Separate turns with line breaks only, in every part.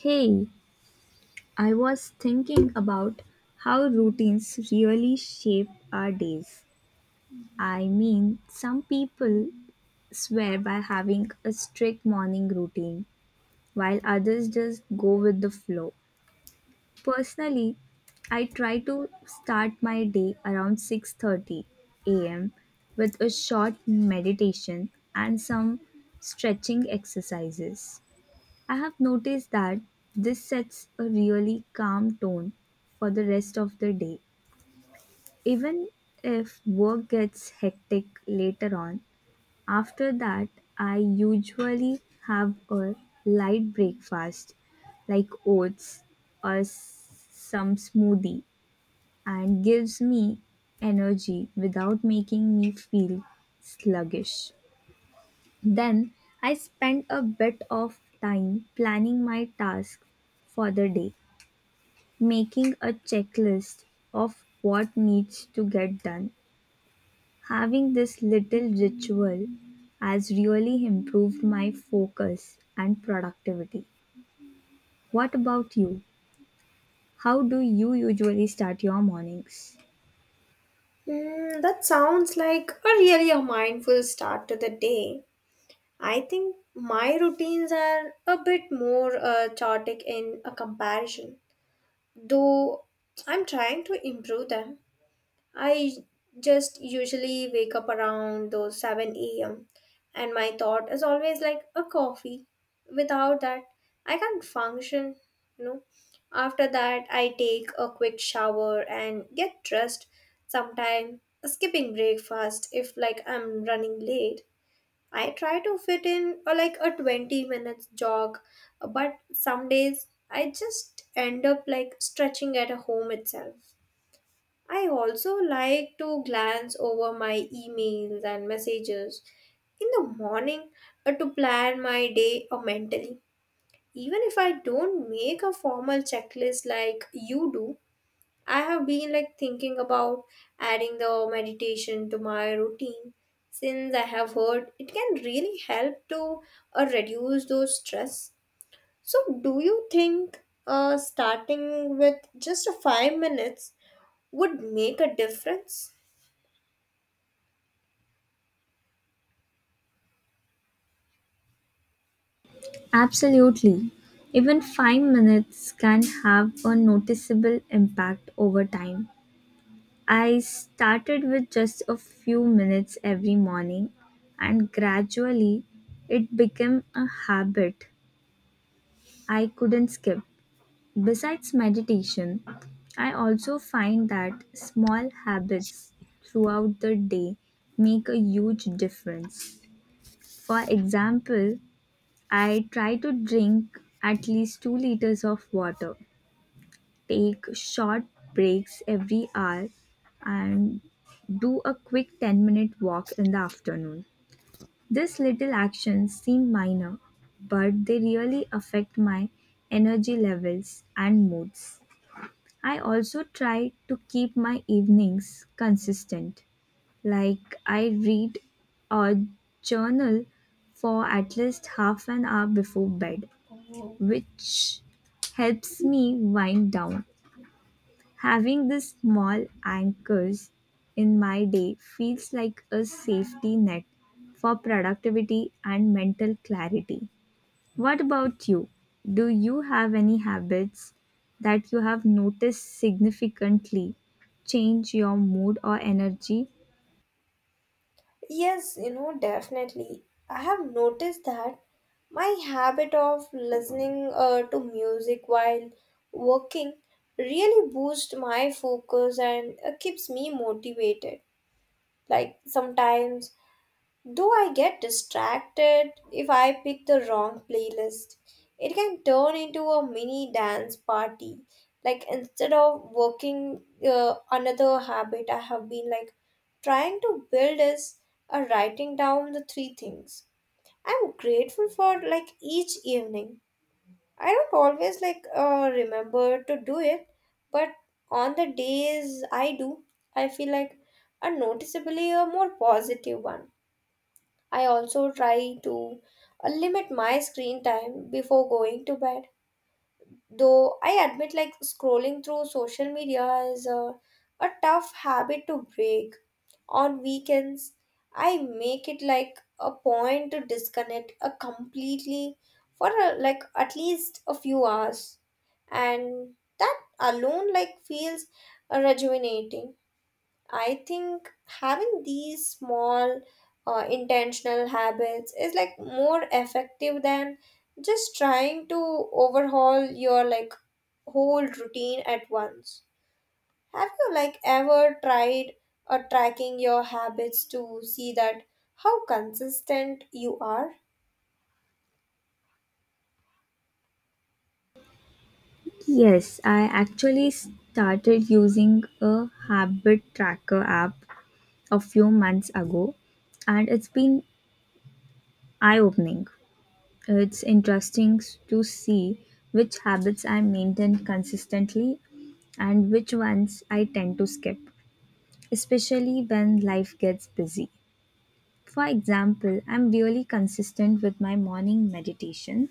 Hey, I was thinking about how routines really shape our days. I mean, some people swear by having a strict morning routine, while others just go with the flow. Personally, I try to start my day around 6:30 a.m. with a short meditation and some stretching exercises. I have noticed that this sets a really calm tone for the rest of the day. Even if work gets hectic later on, after that, I usually have a light breakfast like oats or some smoothie and gives me energy without making me feel sluggish. Then I spend a bit of time planning my tasks for the day, making a checklist of what needs to get done. Having this little ritual has really improved my focus and productivity. What about you? How do you usually start your mornings?
That sounds like a really a mindful start to the day. I think my routines are a bit more chaotic in a comparison, though I'm trying to improve them. I just usually wake up around those 7 a.m., and my thought is always like a coffee. Without that, I can't function, you know. After that, I take a quick shower and get dressed. Sometime skipping breakfast if like I'm running late. I try to fit in like a 20 minutes jog, but some days I just end up like stretching at home itself. I also like to glance over my emails and messages in the morning to plan my day mentally. Even if I don't make a formal checklist like you do, I have been like thinking about adding the meditation to my routine, since I have heard it can really help to reduce those stress. So, do you think starting with just 5 minutes would make a difference?
Absolutely. Even 5 minutes can have a noticeable impact over time. I started with just a few minutes every morning, and gradually it became a habit I couldn't skip. Besides meditation, I also find that small habits throughout the day make a huge difference. For example, I try to drink at least 2 liters of water, take short breaks every hour, and do a quick 10-minute walk in the afternoon. These little actions seem minor, but they really affect my energy levels and moods. I also try to keep my evenings consistent, like I read or journal for at least half an hour before bed, which helps me wind down. Having these small anchors in my day feels like a safety net for productivity and mental clarity. What about you? Do you have any habits that you have noticed significantly change your mood or energy?
Yes, definitely. I have noticed that my habit of listening to music while working really boosts my focus and keeps me motivated. Like sometimes, though I get distracted if I pick the wrong playlist, it can turn into a mini dance party. Like instead of working, another habit I have been like trying to build is writing down the three things I'm grateful for like each evening. I don't always like remember to do it, but on the days I do, I feel like a noticeably a more positive one. I also try to limit my screen time before going to bed. Though I admit, like, scrolling through social media is a tough habit to break. On weekends, I make it like a point to disconnect a completely for like at least a few hours, and that alone like feels rejuvenating. I think having these small intentional habits is like more effective than just trying to overhaul your like whole routine at once. Have you like ever tried tracking your habits to see that how consistent you are?
Yes, I actually started using a habit tracker app a few months ago, and it's been eye opening. It's to see which habits I maintain consistently and which ones I tend to skip, especially when life gets busy. For example, I'm really consistent with my morning meditation,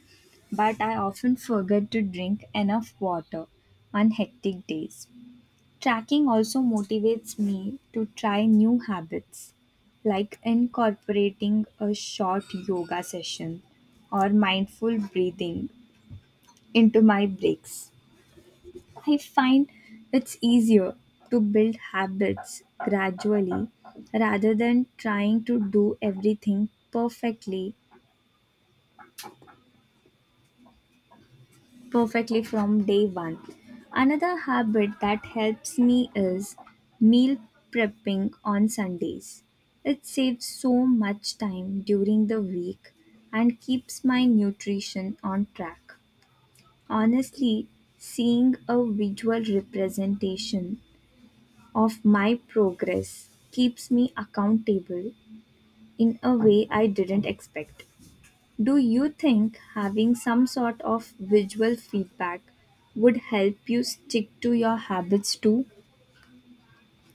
but I often forget to drink enough water on hectic days. Tracking also motivates me to try new habits like incorporating a short yoga session or mindful breathing into my breaks. I find it's easier to build habits gradually rather than trying to do everything perfectly from day 1. Another habit that helps me is meal prepping on Sundays. It saves so much time during the week and keeps my nutrition on track. Honestly, seeing a visual representation of my progress keeps me accountable in a way I didn't expect. Do you think having some sort of visual feedback would help you stick to your habits too?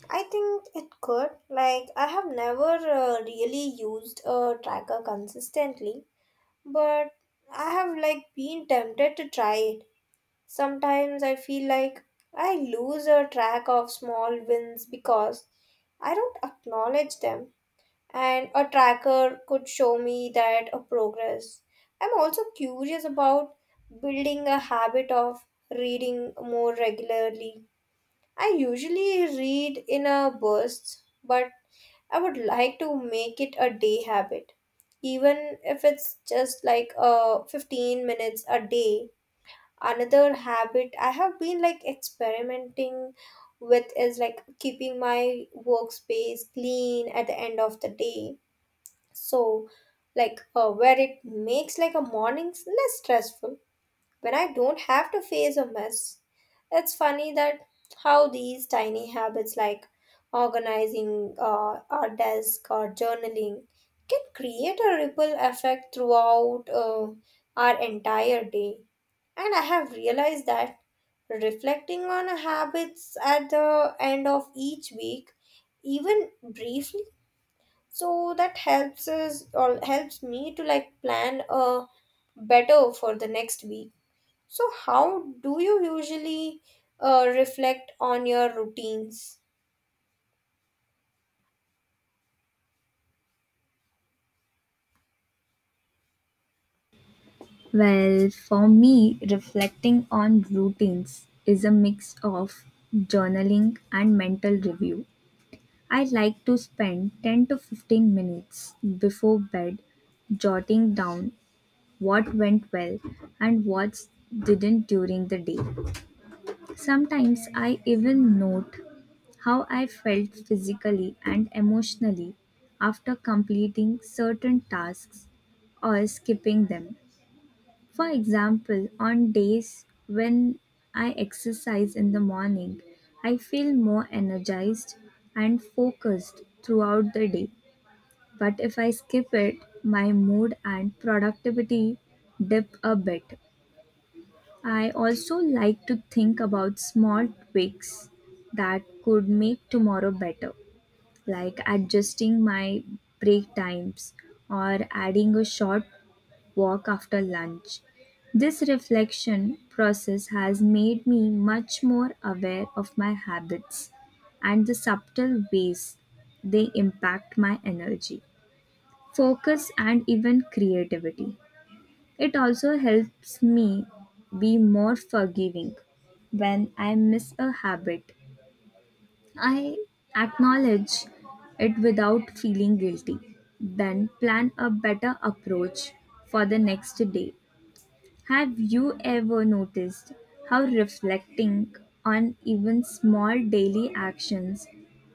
I think it could. Like I have never really used a tracker consistently, but I have like been tempted to try it. Sometimes I feel like I lose a track of small wins because I don't acknowledge them. And a tracker could show me that a progress. I'm also curious about building a habit of reading more regularly. I usually read in a bursts, but I would like to make it a day habit, even if it's just like 15 minutes a day. Another habit I have been like experimenting with is like keeping my workspace clean at the end of the day, so like where it makes like a mornings less stressful when I don't have to face a mess. It's funny that how these tiny habits like organizing our desk or journaling can create a ripple effect throughout our entire day. And I have realized that reflecting on habits at the end of each week, even briefly, so that helps us or helps me to like plan a better for the next week. So, how do you usually reflect on your routines?
Well, for me, reflecting on routines is a mix of journaling and mental review. I like to spend 10 to 15 minutes before bed jotting down what went well and what didn't during the day. Sometimes I even note how I felt physically and emotionally after completing certain tasks or skipping them. For example, on days when I exercise in the morning, I feel more energized and focused throughout the day. But if I skip it, my mood and productivity dip a bit. I also like to think about small tweaks that could make tomorrow better, like adjusting my break times or adding a short walk after lunch. This reflection process has made me much more aware of my habits and the subtle ways they impact my energy, focus, and even creativity. It also helps me be more forgiving when I miss a habit. I acknowledge it without feeling guilty, then plan a better approach for the next day. Have you ever noticed how reflecting on even small daily actions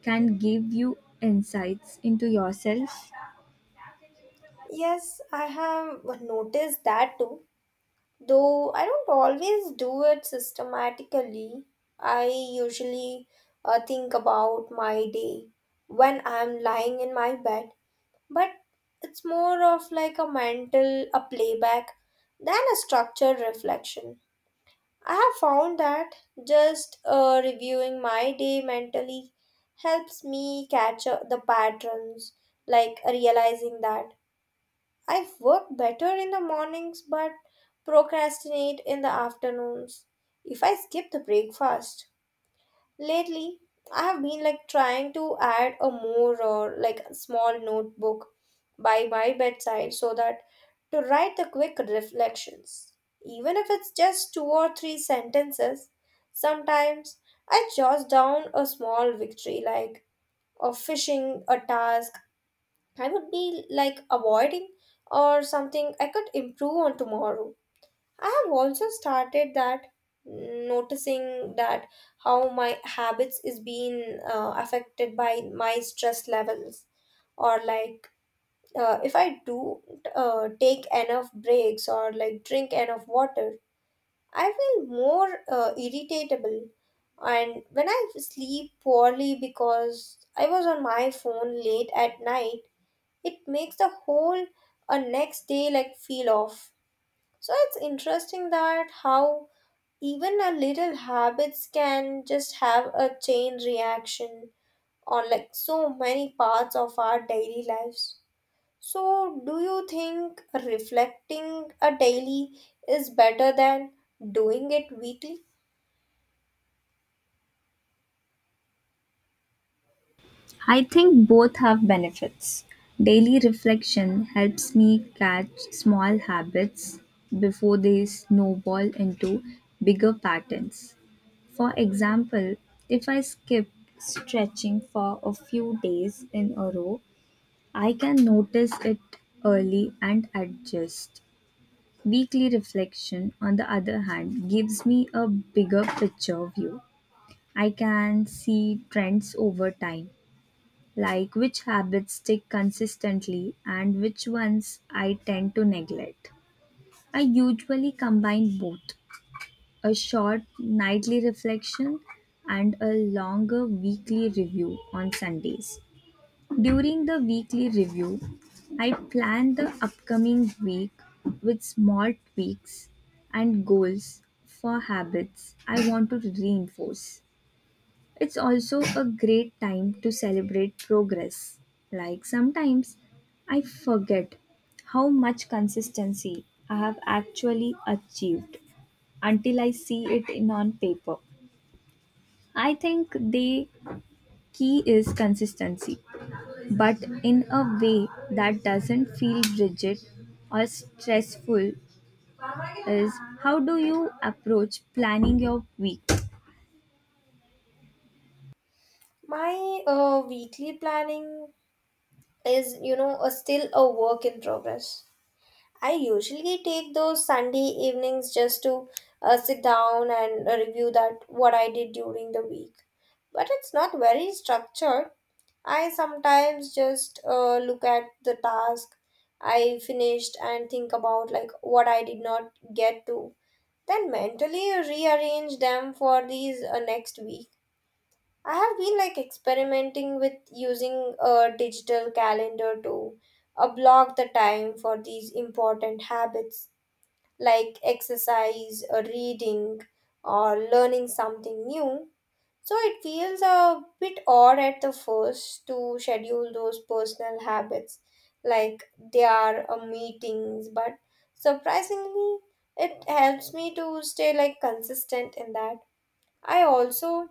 can give you insights into yourself?
Yes, I have noticed that too. Though I don't always do it systematically, I usually think about my day when I'm lying in my bed. But it's more of like a mental a playback than a structured reflection. I have found that just reviewing my day mentally helps me catch the patterns, like realizing that I work better in the mornings but procrastinate in the afternoons if I skip the breakfast. Lately, I have been like trying to add a more or like small notebook by my bedside so that to write the quick reflections. Even if it's just two or three sentences, sometimes I jot down a small victory like a fishing a task I would be like avoiding, or something I could improve on tomorrow. I have also started that noticing that how my habits is being affected by my stress levels, or like if I do take enough breaks or like drink enough water, I feel more irritatable. And when I sleep poorly because I was on my phone late at night, it makes the whole next day like feel off. So it's interesting that how even a little habits can just have a chain reaction on like so many parts of our daily lives. So, do you think reflecting a daily is better than doing it weekly?
I think both have benefits. Daily reflection helps me catch small habits before they snowball into bigger patterns. For example, if I skip stretching for a few days in a row, I can notice it early and adjust. Weekly reflection, on the other hand, gives me a bigger picture view. I can see trends over time, like which habits stick consistently and which ones I tend to neglect. I usually combine both, a short nightly reflection and a longer weekly review on Sundays. During the weekly review, I plan the upcoming week with small tweaks and goals for habits I want to reinforce. It's also a great time to celebrate progress. Like sometimes I forget how much consistency I have actually achieved until I see it in on paper. I think the key is consistency, but in a way that doesn't feel rigid or stressful. Is how do you approach planning your week?
My weekly planning is, you know, a still a work in progress. I usually take those Sunday evenings just to sit down and review that what I did during the week. But it's not very structured. I sometimes just look at the task I finished and think about like what I did not get to. Then mentally rearrange them for these next week. I have been like experimenting with using a digital calendar to block the time for these important habits like exercise, reading, or learning something new. So it feels a bit odd at the first to schedule those personal habits like they are meetings, but surprisingly, it helps me to stay like consistent in that. I also,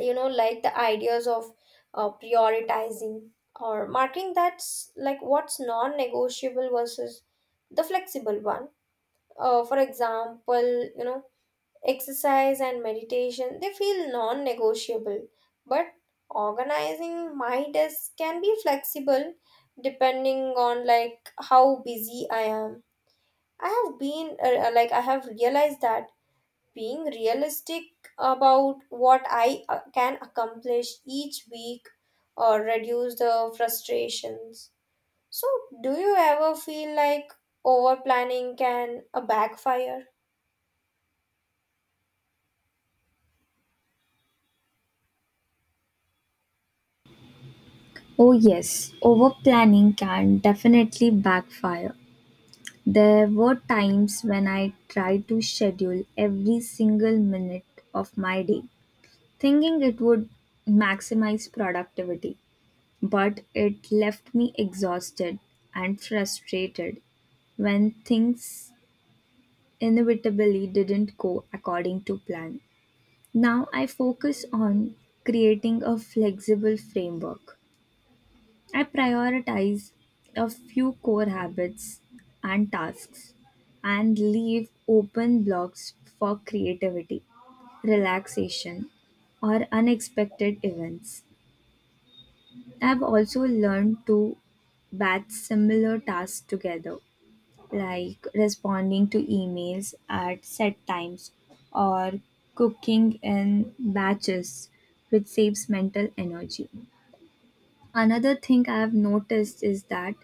you know, like the ideas of prioritizing or marking that's like what's non-negotiable versus the flexible one. For example, you know, exercise and meditation, they feel non-negotiable, but organizing my desk can be flexible depending on like how busy I am. I have been like I have realized that being realistic about what I can accomplish each week or reduce the frustrations. So, do you ever feel like over planning can backfire?
Oh yes, over planning can definitely backfire. There were times when I tried to schedule every single minute of my day, thinking it would maximize productivity, but it left me exhausted and frustrated when things inevitably didn't go according to plan. Now I focus on creating a flexible framework. I prioritize a few core habits and tasks and leave open blocks for creativity, relaxation, or unexpected events. I've also learned to batch similar tasks together, like responding to emails at set times or cooking in batches, which saves mental energy. Another thing I've noticed is that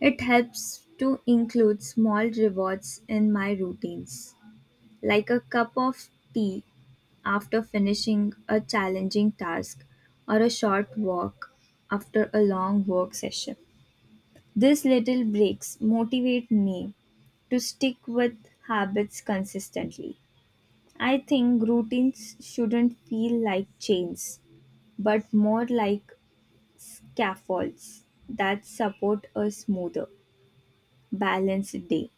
it helps to include small rewards in my routines, like a cup of tea after finishing a challenging task or a short walk after a long work session. These little breaks motivate me to stick with habits consistently. I think routines shouldn't feel like chains, but more like scaffolds that support a smoother, balanced day.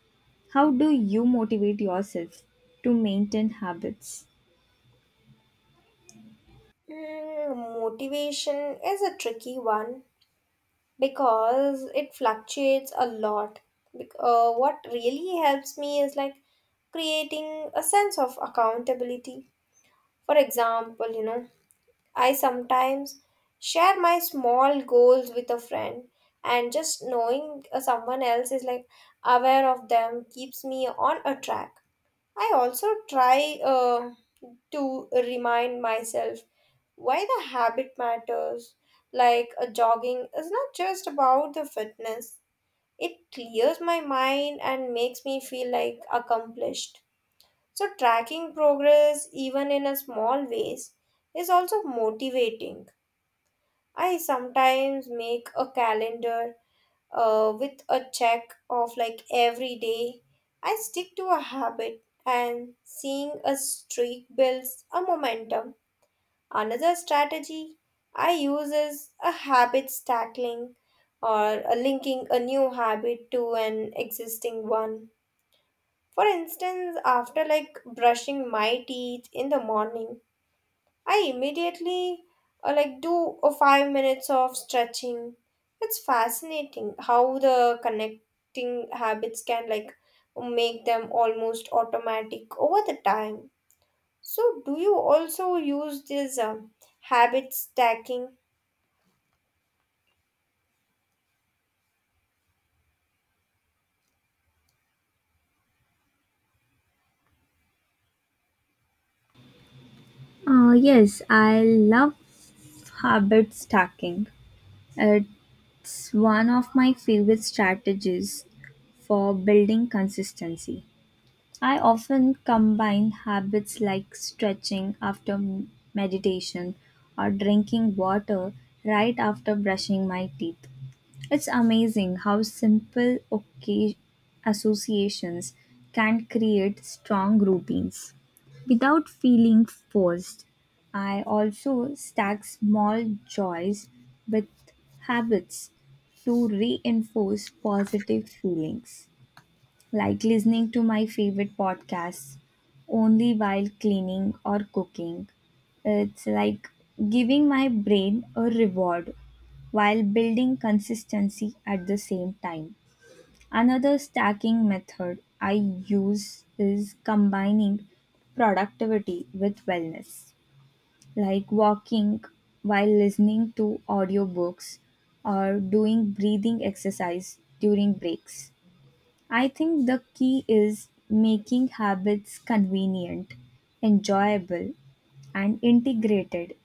How do you motivate yourself to maintain habits?
Motivation is a tricky one because it fluctuates a lot. What really helps me is like creating a sense of accountability. For example, you know, I sometimes share my small goals with a friend, and just knowing someone else is like aware of them keeps me on a track. I also try to remind myself why the habit matters. Like a jogging is not just about the fitness, it clears my mind and makes me feel like accomplished. So, tracking progress, even in a small ways, is also motivating. I sometimes make a calendar with a check of like every day I stick to a habit, and seeing a streak builds a momentum. Another strategy I use is a habit stacking, or a linking a new habit to an existing one. For instance, after like brushing my teeth in the morning, I immediately like do a 5 minutes of stretching. It's fascinating how the connecting habits can like make them almost automatic over the time. So, do you also use this habit stacking?
Yes, I love habit stacking. It's one of my favorite strategies for building consistency. I often combine habits like stretching after meditation or drinking water right after brushing my teeth. It's amazing how simple associations can create strong routines without feeling forced. I also stack small joys with habits to reinforce positive feelings, like listening to my favorite podcasts only while cleaning or cooking. It's like giving my brain a reward while building consistency at the same time. Another stacking method I use is combining productivity with wellness, like walking while listening to audiobooks or doing breathing exercise during breaks. I think the key is making habits convenient, enjoyable, and integrated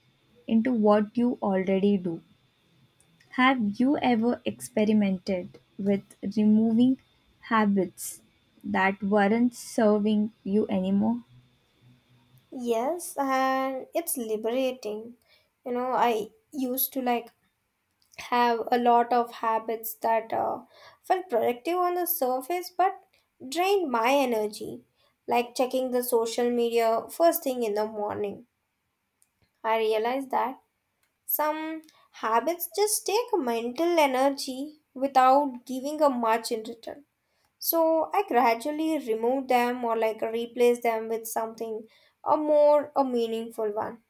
into what you already do. Have you ever experimented with removing habits that weren't serving you anymore?
Yes, and it's liberating. You know, I used to like have a lot of habits that felt productive on the surface but drained my energy, like checking the social media first thing in the morning. I realized that some habits just take mental energy without giving a much in return. So I gradually removed them or like replaced them with something a more a meaningful one.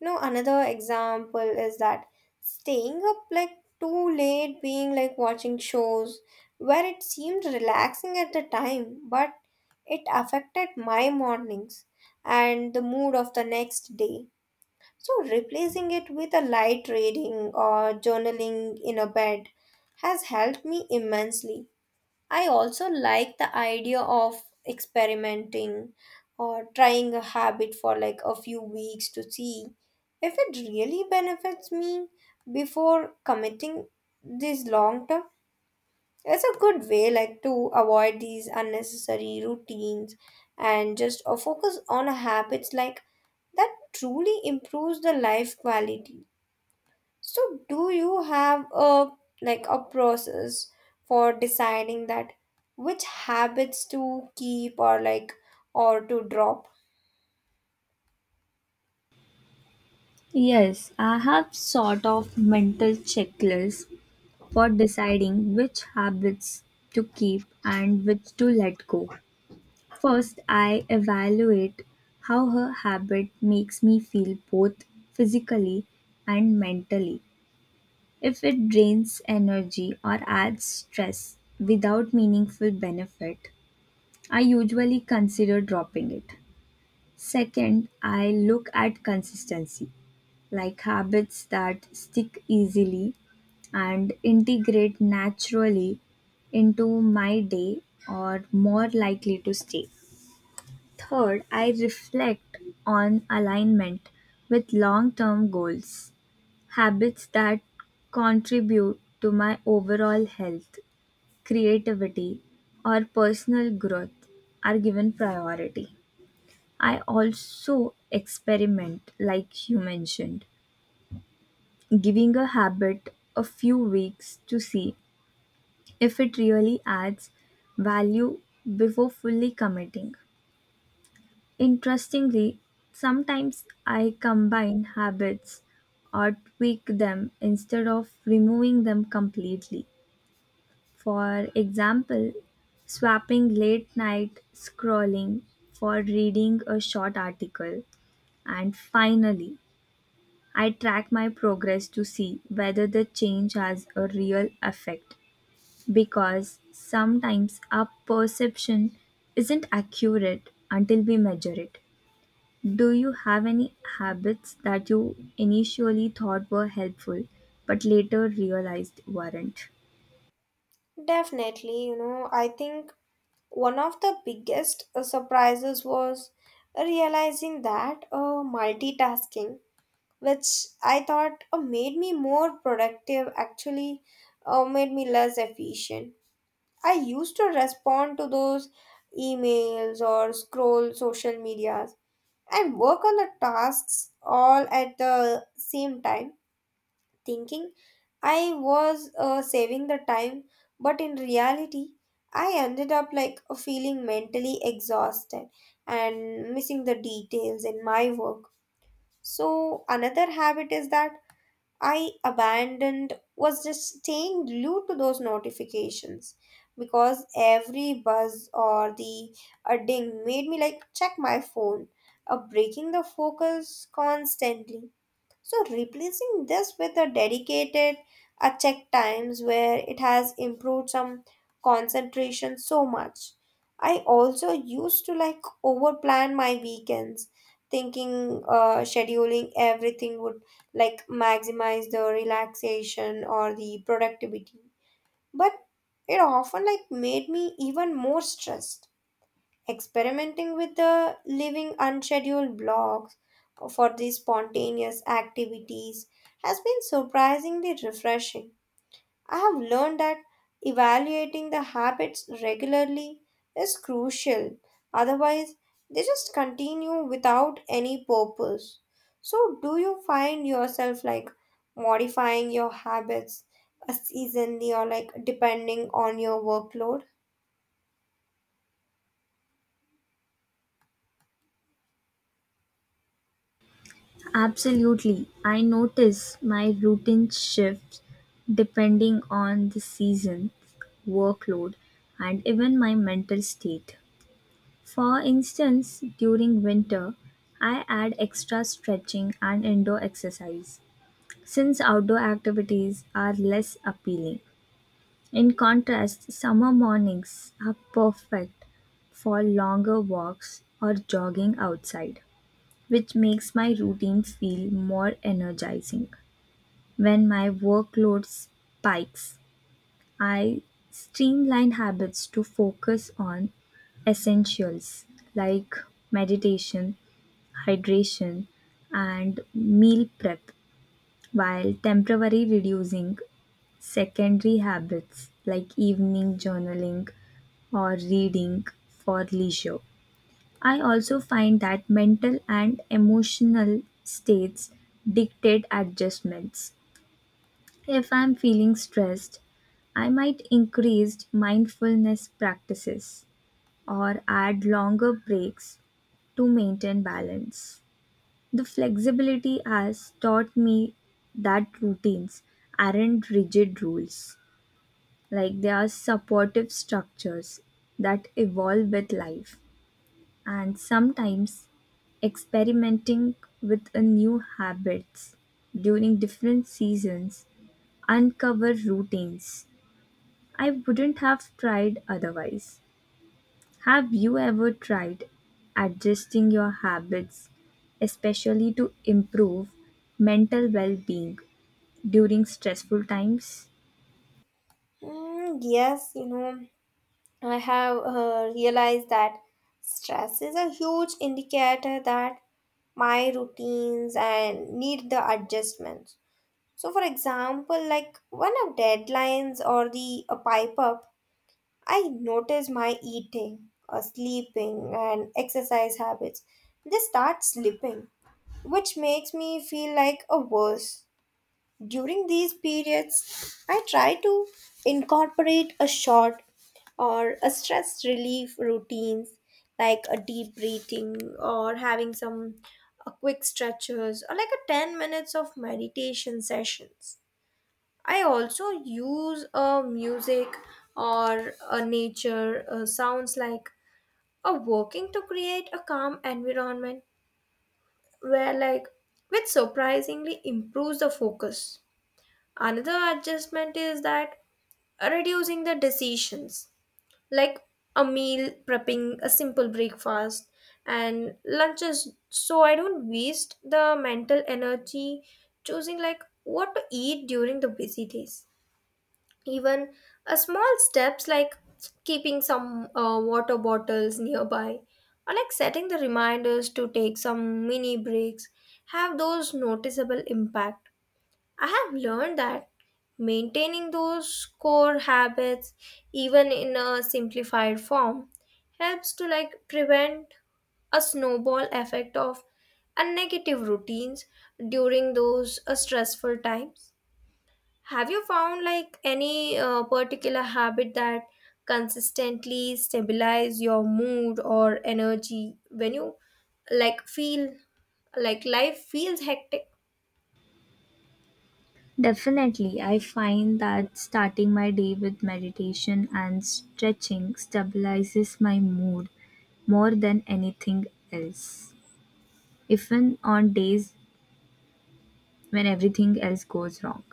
No, another example is that staying up like too late, being like watching shows where it seemed relaxing at the time, but it affected my mornings and the mood of the next day. So, replacing it with a light reading or journaling in a bed has helped me immensely. I also like the idea of experimenting or trying a habit for like a few weeks to see if it really benefits me before committing this long term. It's a good way like to avoid these unnecessary routines and just focus on habits like that truly improves the life quality. So, do you have a like a process for deciding that which habits to keep, or like or to drop?
Yes, I have sort of mental checklists for deciding which habits to keep and which to let go. First, I evaluate how her habit makes me feel, both physically and mentally. If it drains energy or adds stress without meaningful benefit, I usually consider dropping it. Second, I look at consistency, like habits that stick easily and integrate naturally into my day or more likely to stay. Third, I reflect on alignment with long term goals. Habits that contribute to my overall health, creativity, or personal growth are given priority. I also experiment, like you mentioned, giving a habit a few weeks to see if it really adds value before fully committing. Interestingly, sometimes I combine habits or tweak them instead of removing them completely. For example, swapping late night scrolling for reading a short article. And finally, I track my progress to see whether the change has a real effect, because sometimes our perception isn't accurate until we measure it. Do you have any habits that you initially thought were helpful but later realized weren't?
Definitely, you know, I think one of the biggest surprises was realizing that multitasking, which I thought made me more productive, actually made me less efficient. I used to respond to those emails or scroll social media I work on the tasks all at the same time, thinking I was saving the time, but in reality, I ended up like feeling mentally exhausted and missing the details in my work. So, another habit is that I abandoned was just staying glued to those notifications, because every buzz or the a ding made me like check my phone, breaking the focus constantly. So replacing this with a dedicated a check times where it has improved some concentration so much. I also used to like over plan my weekends, thinking scheduling everything would like maximize the relaxation or the productivity. But it often like made me even more stressed. Experimenting with the living unscheduled blocks for these spontaneous activities has been surprisingly refreshing. I have learned that evaluating the habits regularly is crucial, otherwise, they just continue without any purpose. So, do you find yourself like modifying your habits seasonally, or like depending on your workload?
Absolutely. I notice my routine shifts depending on the season, workload, and even my mental state. For instance, during winter, I add extra stretching and indoor exercise since outdoor activities are less appealing. In contrast, summer mornings are perfect for longer walks or jogging outside, which makes my routine feel more energizing. When my workload spikes, I streamline habits to focus on essentials like meditation, hydration, and meal prep, while temporarily reducing secondary habits like evening journaling or reading for leisure. I also find that mental and emotional states dictate adjustments. If I'm feeling stressed, I might increase mindfulness practices or add longer breaks to maintain balance. The flexibility has taught me that routines aren't rigid rules, like they are supportive structures that evolve with life. And sometimes experimenting with a new habits during different seasons uncover routines I wouldn't have tried otherwise. Have you ever tried adjusting your habits especially to improve mental well-being during stressful times?
Yes, you know, I have realized that stress is a huge indicator that my routines and need the adjustments. So, for example, like when of deadlines or the a pipe up, I notice my eating, sleeping, and exercise habits. They start slipping, which makes me feel like a worse. During these periods, I try to incorporate a short or a stress relief routines like a deep breathing, or having some quick stretches, or like a 10 minutes of meditation sessions. I also use a music or a nature sounds like a working to create a calm environment where like which surprisingly improves the focus. Another adjustment is that reducing the decisions, like a meal prepping, a simple breakfast, and lunches, so I don't waste the mental energy choosing like what to eat during the busy days. Even a small steps like keeping some water bottles nearby, or like setting the reminders to take some mini breaks, have those noticeable impact. I have learned that maintaining those core habits, even in a simplified form, helps to like prevent a snowball effect of a negative routines during those stressful times. Have you found like any particular habit that consistently stabilize your mood or energy when you like feel like life feels hectic?
Definitely, I find that starting my day with meditation and stretching stabilizes my mood more than anything else, even on days when everything else goes wrong.